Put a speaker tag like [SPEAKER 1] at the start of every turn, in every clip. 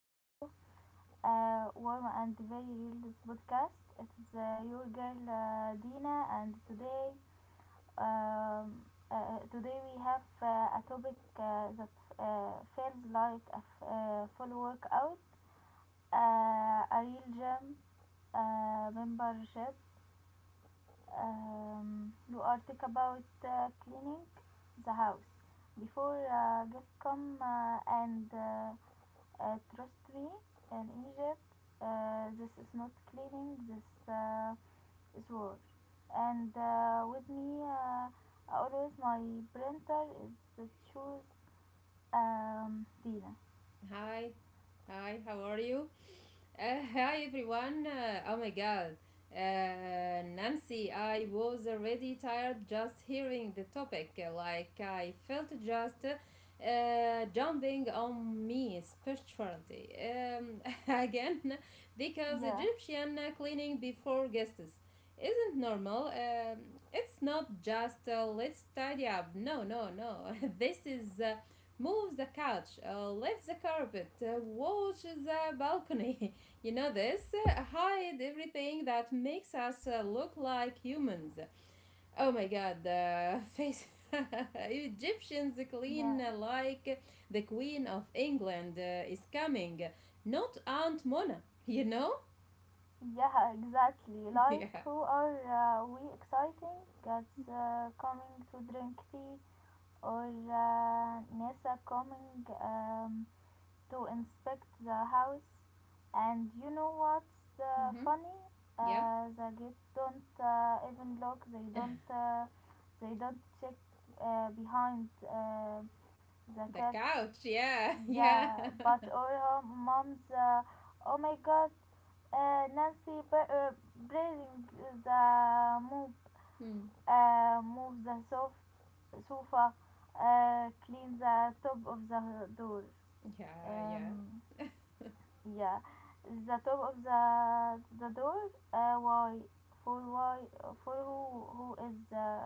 [SPEAKER 1] show, Warm and Very Real podcast. It is your girl Dina, and today, today we have a topic that feels like a full workout, a real gym membership, you are talk about cleaning the house before guests come and trust me in Egypt, this is not cleaning, this is war. And with me, always my printer is the choose. Dina,
[SPEAKER 2] Hi, hi, how are you? Hi everyone. Oh my god. Nancy, I was already tired just hearing the topic. Like, I felt just jumping on me spirituality again because
[SPEAKER 1] yeah,
[SPEAKER 2] Egyptian cleaning before guests isn't normal. It's not just let's tidy up. No, no, no. this is Move the couch, lift the carpet, watch the balcony. You know this? Hide everything that makes us look like humans. Oh my god, face. Egyptians
[SPEAKER 1] yeah,
[SPEAKER 2] clean like the Queen of England is coming, not Aunt Mona, you know?
[SPEAKER 1] yeah. Exactly, like,
[SPEAKER 2] Yeah.
[SPEAKER 1] who are we exciting that's coming to drink tea, or NASA coming to inspect the house. And you know what's
[SPEAKER 2] Hmm.
[SPEAKER 1] funny?
[SPEAKER 2] Yeah.
[SPEAKER 1] The gates don't even lock. They don't. They don't check behind the
[SPEAKER 2] The
[SPEAKER 1] cat.
[SPEAKER 2] couch, yeah, yeah.
[SPEAKER 1] Yeah, but all her moms. Oh my God, Nancy, but, breathing the move,
[SPEAKER 2] Mm.
[SPEAKER 1] move the sofa, clean the top of the door.
[SPEAKER 2] Yeah, yeah.
[SPEAKER 1] Um, yeah, the top of the door. Why, for why for who is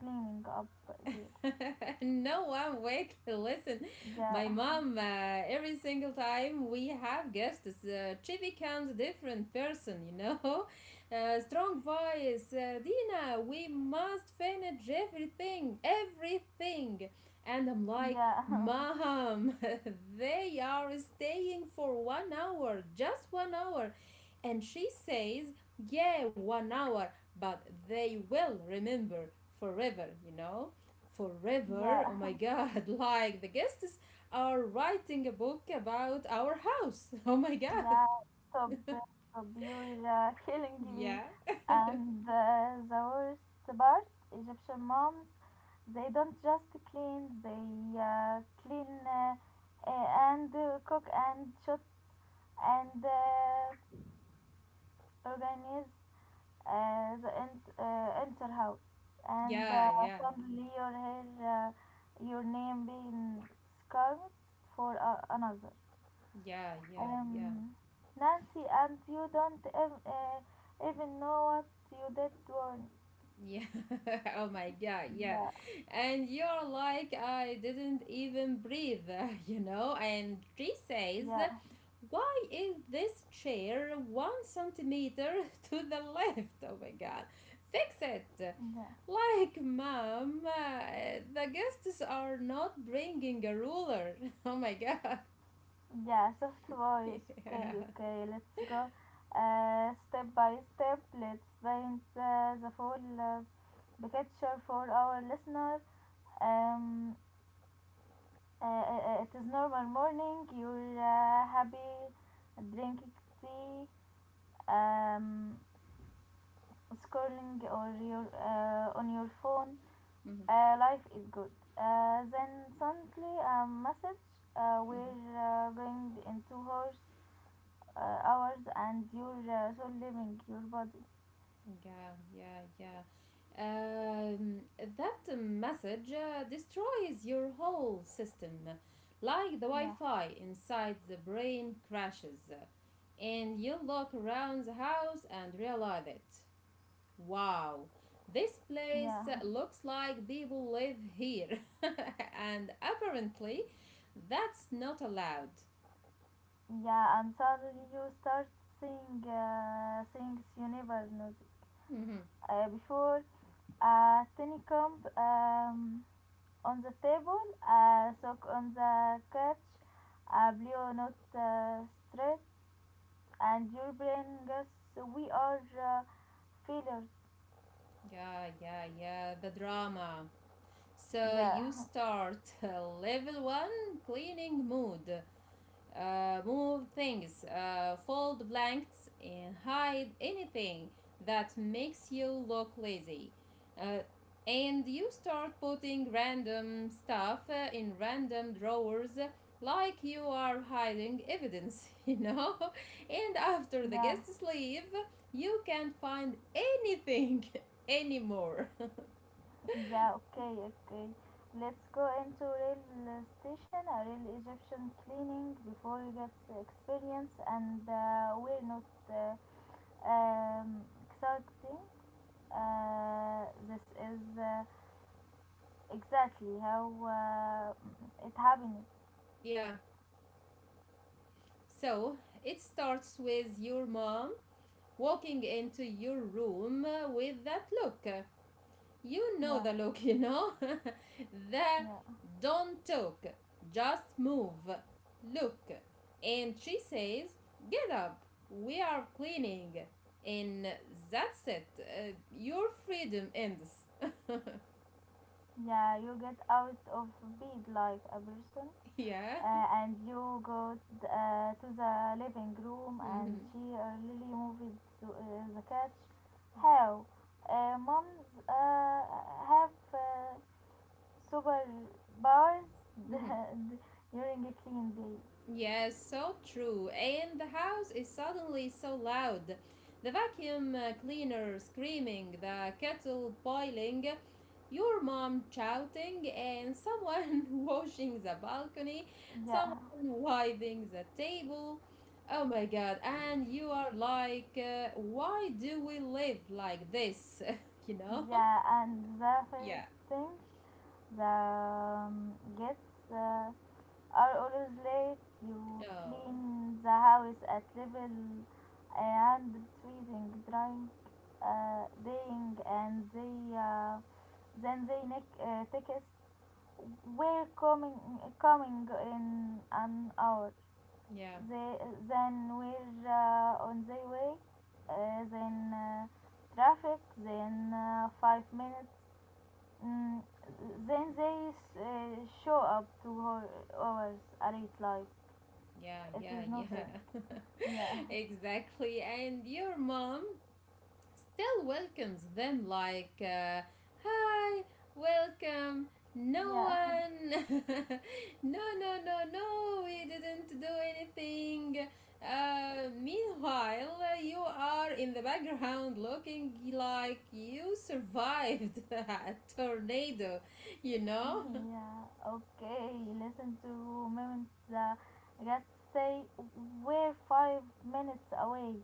[SPEAKER 1] cleaning up there?
[SPEAKER 2] No one wake to listen.
[SPEAKER 1] Yeah,
[SPEAKER 2] My mom every single time we have guests she becomes a different person, strong voice, Dina, we must finish everything, everything. And I'm like,
[SPEAKER 1] yeah,
[SPEAKER 2] mom, they are staying for 1 hour, just 1 hour. And she says, yeah, 1 hour, but they will remember forever,
[SPEAKER 1] yeah.
[SPEAKER 2] forever. Oh my god, like the guests are writing a book about our house. Oh my god.
[SPEAKER 1] Yeah, top, top, you killing me.
[SPEAKER 2] Yeah.
[SPEAKER 1] And the worst part, Egyptian moms, they don't just clean, they clean and cook and shop and organize the enter house. And
[SPEAKER 2] Yeah, yeah.
[SPEAKER 1] suddenly your hair, your name being scarred for another.
[SPEAKER 2] Yeah, yeah, yeah.
[SPEAKER 1] Um, Nancy, and you don't even know what you did wrong.
[SPEAKER 2] Yeah. Oh my God. Yeah.
[SPEAKER 1] Yeah,
[SPEAKER 2] And you're like, I didn't even breathe, you know? And she says,
[SPEAKER 1] yeah,
[SPEAKER 2] why is this chair one centimeter to the left? Oh my God. Fix it.
[SPEAKER 1] yeah.
[SPEAKER 2] Like, mom, the guests are not bringing a ruler. Oh my God.
[SPEAKER 1] Yeah, soft voice.
[SPEAKER 2] Yeah.
[SPEAKER 1] Okay, okay, let's go. Step by step, let's paint the full picture for our listener. Um, it is normal morning. You're happy drinking tea, um, scrolling or your, on your phone.
[SPEAKER 2] Mhm.
[SPEAKER 1] Life is good. Then suddenly a message. We're going in 2 hours, and you're so leaving your body.
[SPEAKER 2] Yeah, yeah, yeah. That message destroys your whole system. Like the Wi
[SPEAKER 1] Yeah,
[SPEAKER 2] Fi inside the brain crashes, and you look around the house and realize it. Wow, this place
[SPEAKER 1] yeah,
[SPEAKER 2] looks like people live here, and apparently that's not allowed.
[SPEAKER 1] yeah. And suddenly you start seeing things you never noticed
[SPEAKER 2] Mhm.
[SPEAKER 1] before. A tiny cup on the table, a sock on the couch, a blue note straight, and your brain guess we are. Failures.
[SPEAKER 2] Yeah, yeah, yeah, the drama. So
[SPEAKER 1] Yeah,
[SPEAKER 2] you start level one cleaning mood. Move things, fold blanks, and hide anything that makes you look lazy. Uh, and you start putting random stuff in random drawers like you are hiding evidence, you know? And after the
[SPEAKER 1] yeah,
[SPEAKER 2] guests leave, you can't find anything anymore.
[SPEAKER 1] yeah, okay, okay. Let's go into real station, a real Egyptian cleaning before you get experience, and we're not um, exciting. This is exactly how it happened.
[SPEAKER 2] Yeah. So it starts with your mom walking into your room with that look. You know
[SPEAKER 1] Yeah,
[SPEAKER 2] the look, you know? The
[SPEAKER 1] yeah,
[SPEAKER 2] don't talk, just move, look. And she says, get up, we are cleaning. And that's it. Your freedom ends.
[SPEAKER 1] yeah. You get out of bed like a person
[SPEAKER 2] Yeah.
[SPEAKER 1] and you go to the living room and
[SPEAKER 2] Hmm.
[SPEAKER 1] she really moved to the couch. How? Moms have super bars d- during a clean day.
[SPEAKER 2] Yes, so true. And the house is suddenly so loud. The vacuum cleaner screaming, the kettle boiling, your mom shouting, and someone washing the balcony,
[SPEAKER 1] Yeah,
[SPEAKER 2] someone wiping the table. Oh my god, and you are like, why do we live like this? You know?
[SPEAKER 1] yeah, and the
[SPEAKER 2] Yeah.
[SPEAKER 1] first thing the gets are always late. You
[SPEAKER 2] Oh,
[SPEAKER 1] clean the house at level and treating, drink, dying, and they then they neck text. We're coming, coming in an hour.
[SPEAKER 2] yeah,
[SPEAKER 1] They, then we're on the way. Then traffic. Then 5 minutes. Mm, then they uh, show up hours late, like
[SPEAKER 2] yeah,
[SPEAKER 1] it
[SPEAKER 2] yeah,
[SPEAKER 1] is nothing.
[SPEAKER 2] yeah.
[SPEAKER 1] Yeah,
[SPEAKER 2] Exactly. And your mom? Still welcomes them like, hi, welcome. No
[SPEAKER 1] yeah,
[SPEAKER 2] one, no, no, no, no, we didn't do anything. Meanwhile, you are in the background looking like you survived a tornado, you know?
[SPEAKER 1] yeah. Okay, listen to moment. The guests say we're 5 minutes away.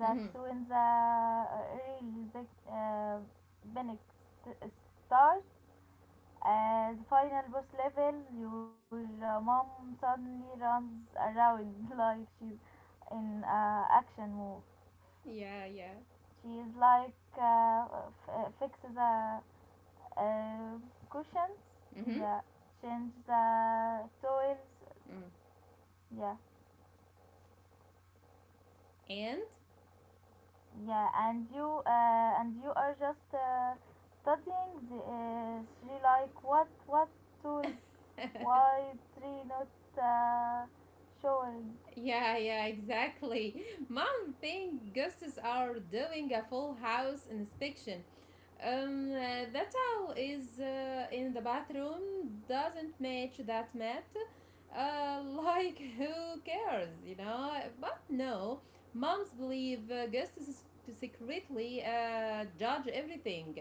[SPEAKER 1] That's
[SPEAKER 2] Mhm.
[SPEAKER 1] when the real big panic st- starts. As final boss level, your mom suddenly runs around like she's in action move.
[SPEAKER 2] Yeah, yeah.
[SPEAKER 1] She is like fixes the uh, cushions,
[SPEAKER 2] Mm-hmm.
[SPEAKER 1] yeah, change the toys, yeah,
[SPEAKER 2] Mm.
[SPEAKER 1] yeah, and you are just studying. The, she like what tools?
[SPEAKER 2] And
[SPEAKER 1] Why tree not uh, showing?
[SPEAKER 2] yeah, yeah, exactly. Mom thinks ghosts are doing a full house inspection, that towel is in the bathroom doesn't match that mat. Like who cares, you know? But no, moms believe guests secretly judge everything.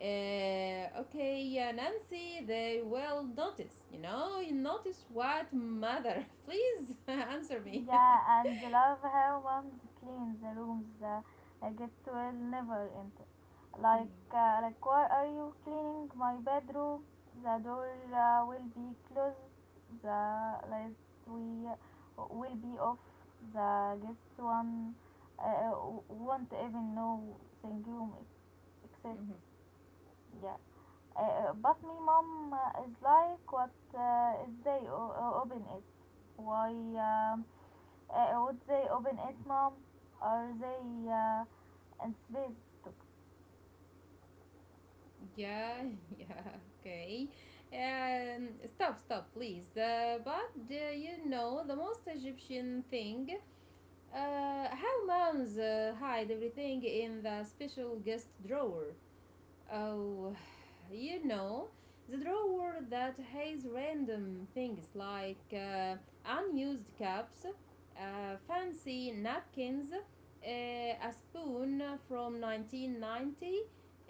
[SPEAKER 2] Uh, okay, Nancy, they will notice, you know? You notice what, mother? Please answer me. Yeah.
[SPEAKER 1] Yeah, and love how moms clean the rooms the guests will never enter. Like, why are you cleaning my bedroom? The door will be closed. The lights we will be off. The guest one uh, won't even know the room exists.
[SPEAKER 2] Mm-hmm.
[SPEAKER 1] Yeah. But me mom is like what is they open it, why um, would they open it, mom, are they in space?
[SPEAKER 2] Yeah, yeah, okay. Stop, stop, please. But you know, the most Egyptian thing, how moms hide everything in the special guest drawer. Oh, you know, the drawer that has random things like unused cups, fancy napkins, a spoon from 1990,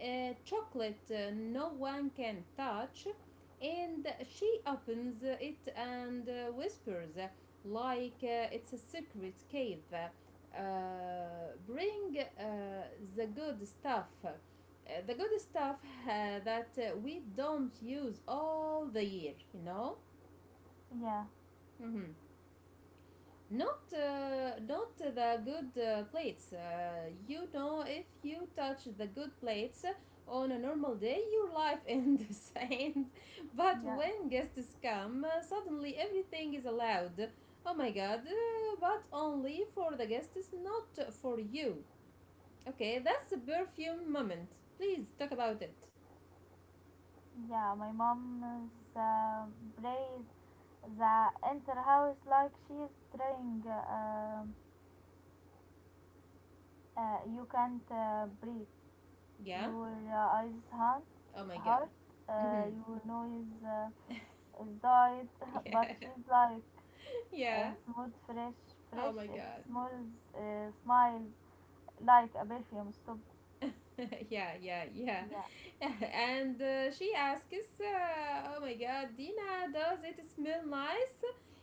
[SPEAKER 2] chocolate no one can touch, and she opens it and whispers like it's a secret cave. Bring the good stuff the good stuff that we don't use all the year, you know.
[SPEAKER 1] Yeah.
[SPEAKER 2] Mm-hmm. Not the good plates. You know, if you touch the good plates on a normal day, your life ends. and But
[SPEAKER 1] Yeah.
[SPEAKER 2] when guests come, suddenly everything is allowed. Oh my God! But only for the guests, not for you. Okay, that's the perfume moment. Please talk about it.
[SPEAKER 1] Yeah, my mom is plays the enter house like she's trying, you can't breathe,
[SPEAKER 2] Yeah.
[SPEAKER 1] your eyes
[SPEAKER 2] Oh my god.
[SPEAKER 1] hurt,
[SPEAKER 2] Mm-hmm.
[SPEAKER 1] your nose is died but
[SPEAKER 2] Yeah.
[SPEAKER 1] she's like
[SPEAKER 2] Yeah.
[SPEAKER 1] smooth fresh,
[SPEAKER 2] Oh
[SPEAKER 1] fresh
[SPEAKER 2] my
[SPEAKER 1] it
[SPEAKER 2] god.
[SPEAKER 1] smells, smiles like a perfume stop.
[SPEAKER 2] Yeah, yeah, yeah.
[SPEAKER 1] Yeah,
[SPEAKER 2] and She asks, "Oh my god, Dina, does it smell nice?"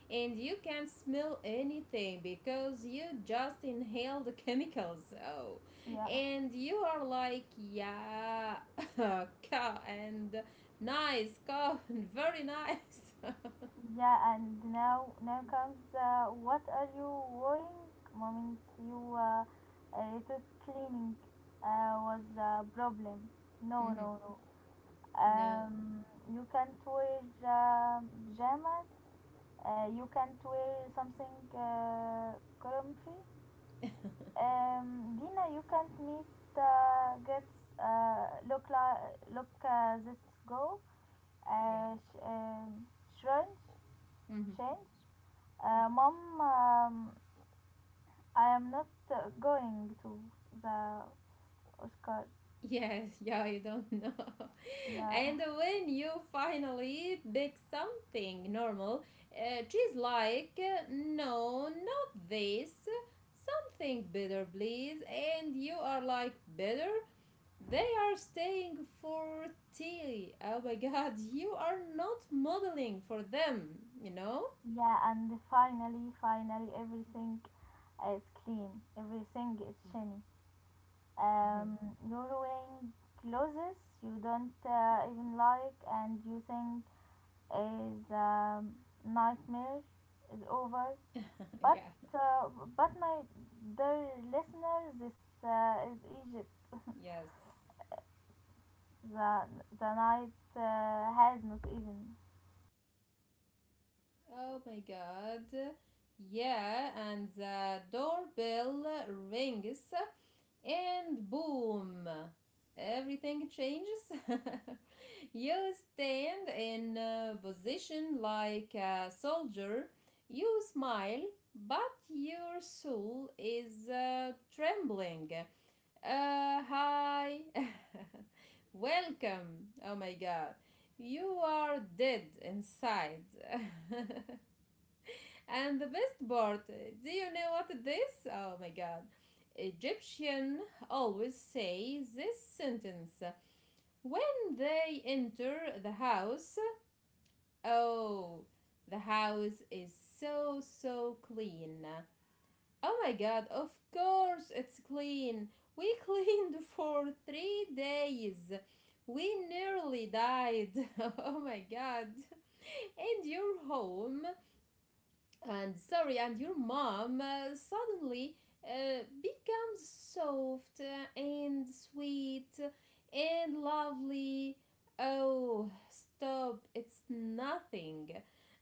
[SPEAKER 2] And you can't smell anything because you just inhale the chemicals. Oh.
[SPEAKER 1] yeah,
[SPEAKER 2] And you are like, "Yeah, and nice, very nice."
[SPEAKER 1] yeah. And now, now comes what are you wearing, mommy? You thought cleaning was a problem. No,
[SPEAKER 2] Mhm.
[SPEAKER 1] no, no.
[SPEAKER 2] No.
[SPEAKER 1] Um, you can't wear pajamas. You can't wear something comfy. Dina, you can't meet gets look like look this go
[SPEAKER 2] Yeah.
[SPEAKER 1] uh, sh- um shrunch.
[SPEAKER 2] Mm-hmm.
[SPEAKER 1] Change. Mom, um, I am not going to the Oscars.
[SPEAKER 2] Yes, yeah, you don't know.
[SPEAKER 1] Yeah,
[SPEAKER 2] And when you finally pick something normal, she's like, no, not this. Something better, please. And you are like, better? They are staying for tea. Oh my god, you are not modeling for them, you know?
[SPEAKER 1] yeah, and finally, finally, everything is clean. Everything is shiny. Um,
[SPEAKER 2] Mhm.
[SPEAKER 1] you're wearing clothes you don't even like, and you think is nightmare is over. But
[SPEAKER 2] Yeah,
[SPEAKER 1] uh, but my dear listeners, this is Egypt.
[SPEAKER 2] yes.
[SPEAKER 1] The the night has not even three.
[SPEAKER 2] Oh my god. Yeah, and the doorbell rings.
[SPEAKER 1] Yeah,
[SPEAKER 2] And boom, everything changes.
[SPEAKER 1] uh,
[SPEAKER 2] You
[SPEAKER 1] and
[SPEAKER 2] stand
[SPEAKER 1] uh,
[SPEAKER 2] in a position like a soldier,
[SPEAKER 1] and the best
[SPEAKER 2] you
[SPEAKER 1] part.
[SPEAKER 2] smile, but
[SPEAKER 1] Uh,
[SPEAKER 2] your soul is trembling. Hi, welcome. Oh my god, you are dead inside. And the best part, do you know what it is? Oh my god. Egyptian always say this sentence when they enter the house. Oh, the house is so so clean. Oh my god, of course it's clean. We cleaned for 3 days. We nearly died. Oh my god. And your home and sorry and your mom suddenly becomes soft and sweet and lovely. Oh, stop, it's nothing.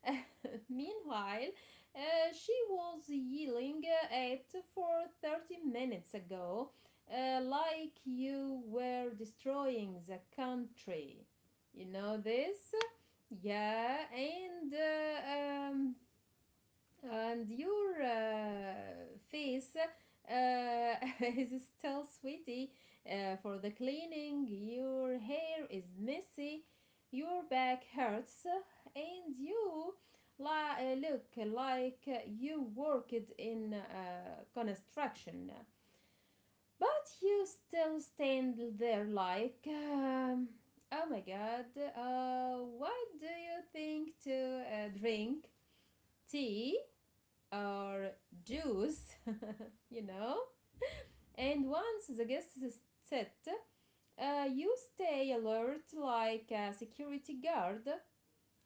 [SPEAKER 2] Meanwhile, she was yelling at for 30 minutes ago, like you were destroying the country, you know this. Yeah. And your face uh, is still sweaty for the cleaning. Your hair is messy. Your back hurts, and you look like you worked in construction. But you still stand there like, oh my god, what do you think to drink? Tea? Or Jews, you know? And once the guest is set, you stay alert like a security guard,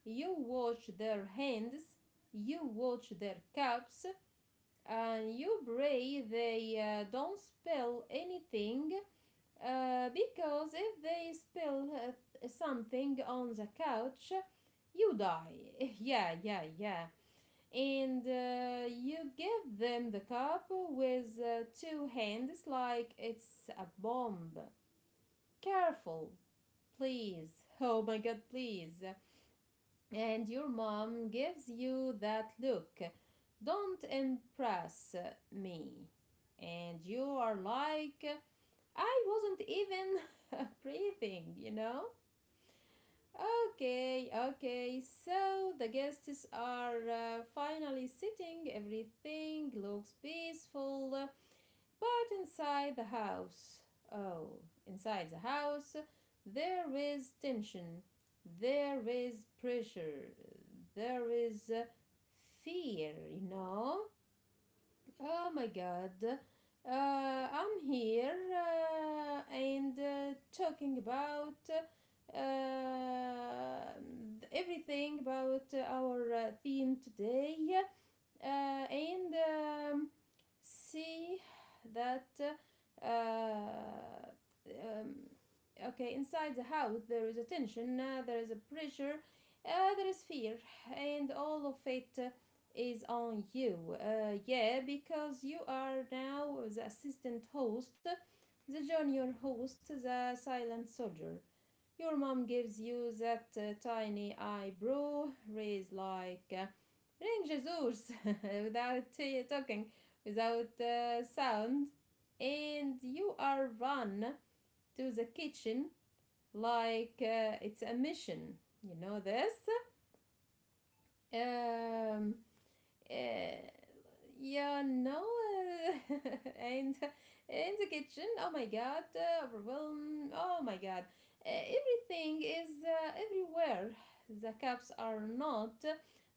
[SPEAKER 2] you watch their hands, you watch their cups, and you pray they don't spill anything because if they spill something on the couch, you die. Yeah, yeah, yeah. and You give them the cup with two hands like it's a bomb. Careful, please. Oh my god, please. And your mom gives you that look. Don't impress me. And you are like, I wasn't even breathing, you know? Okay, okay. So the guests are finally sitting. Everything looks peaceful, but inside the house, oh, inside the house, there is tension, there is pressure, there is fear, you know? Oh my god. I'm here and talking about uh, everything about our theme today. And See that uh, um, okay, inside the house there is a tension, there is a pressure, there is fear, and all of it is on you. Yeah, because you are now the assistant host, the junior host, the silent soldier. Your mom gives you that tiny eyebrow raised like, bring Jesus. Without talking, without sound, and you are run to the kitchen like it's a mission. You know this? Um, uh, yeah, no. uh, and in the kitchen, oh my god, overwhelm, oh my god, everything is everywhere. The cups are not,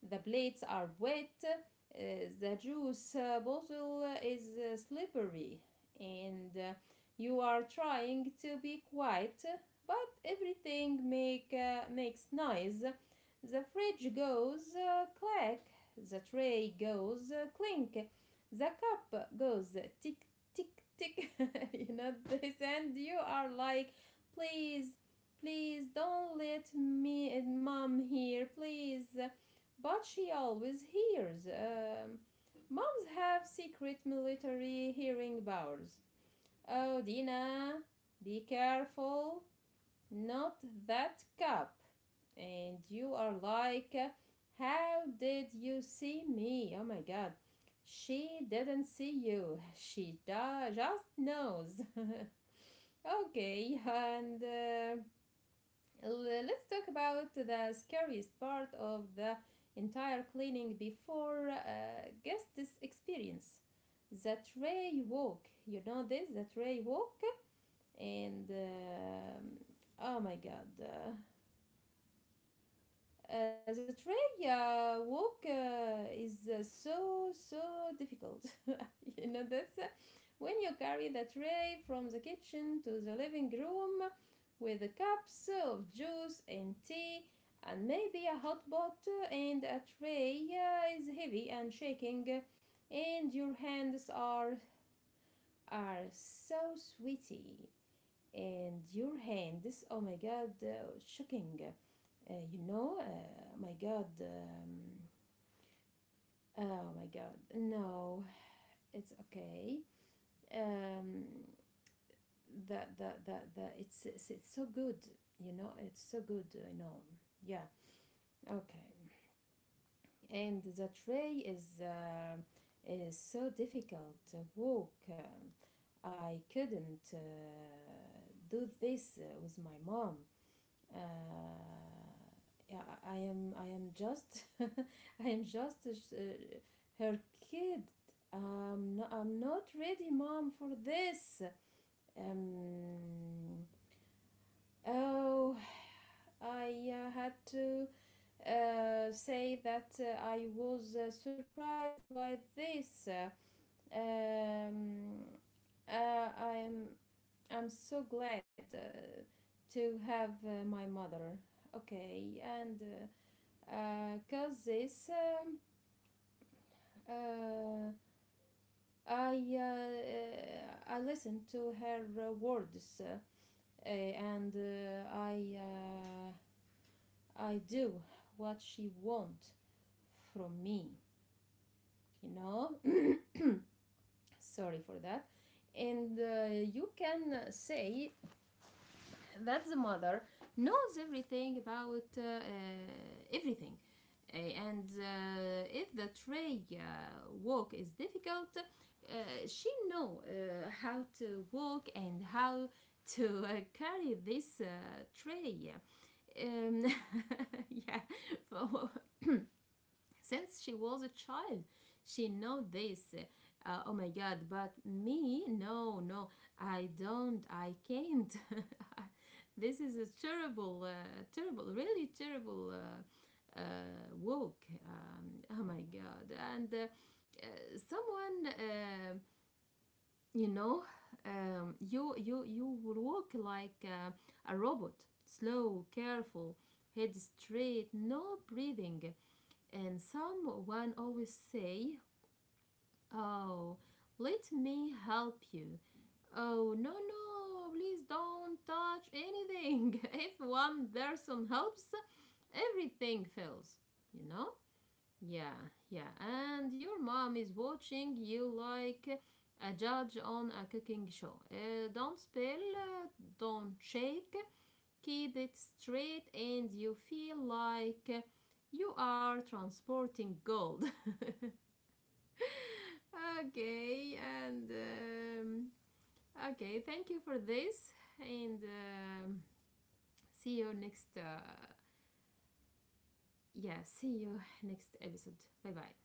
[SPEAKER 2] the plates are wet, the juice bottle is slippery, and you are trying to be quiet, but everything makes noise. The fridge goes clack, the tray goes clink. The cup goes tick, tick, tick. You know this, and you are like, please, please don't let me and mom hear, please. But she always hears. Moms have secret military hearing powers. Oh, Dina, be careful. Not that cup. And you are like, how did you see me? Oh my god. She didn't see you. She just knows. Okay, and let's talk about the scariest part of the entire cleaning before guest experience. The tray walk. You know this, the tray walk, and oh my god, the tray walk is so so difficult. You know that. When you carry the tray from the kitchen to the living room with the cups of juice and tea, and maybe a hot pot, and a tray is heavy and shaking, and your hands are so sweaty, and your hand this, oh my god, shocking, you know, my god, oh my god, no, it's okay. Um the it's, it's so good, you know, it's so good, I know. Yeah, okay. And the tray is so difficult to walk. I couldn't do this with my mom. uh, yeah, I am just I am just uh, her kid. No, I'm not ready, mom, for this. Um, oh, I had to say that I was surprised by this. Um, I'm so glad to have my mother. Okay, and because this, uh, I listened to her words, and I do what she want from me. You know, sorry for that. And you can say that the mother knows everything about everything. And if the tray walk is difficult, uh, she know how to walk and how to carry this tray. Um, yeah, since she was a child, she know this. Oh my God! But me, no, no, I don't. I can't. This is a terrible, terrible, really terrible woke. Oh my god! And Someone, you know, you you will walk like a robot, slow, careful, head straight, no breathing. And someone always say, "Oh, let me help you." Oh, no, no, please don't touch anything. If one person helps, everything fails, you know? Yeah, yeah, and your mom is watching you like a judge on a cooking show. Don't spill, don't shake, keep it straight, and you feel like you are transporting gold. Okay, and okay, thank you for this, and see you next. Yeah, see you next episode. Bye bye.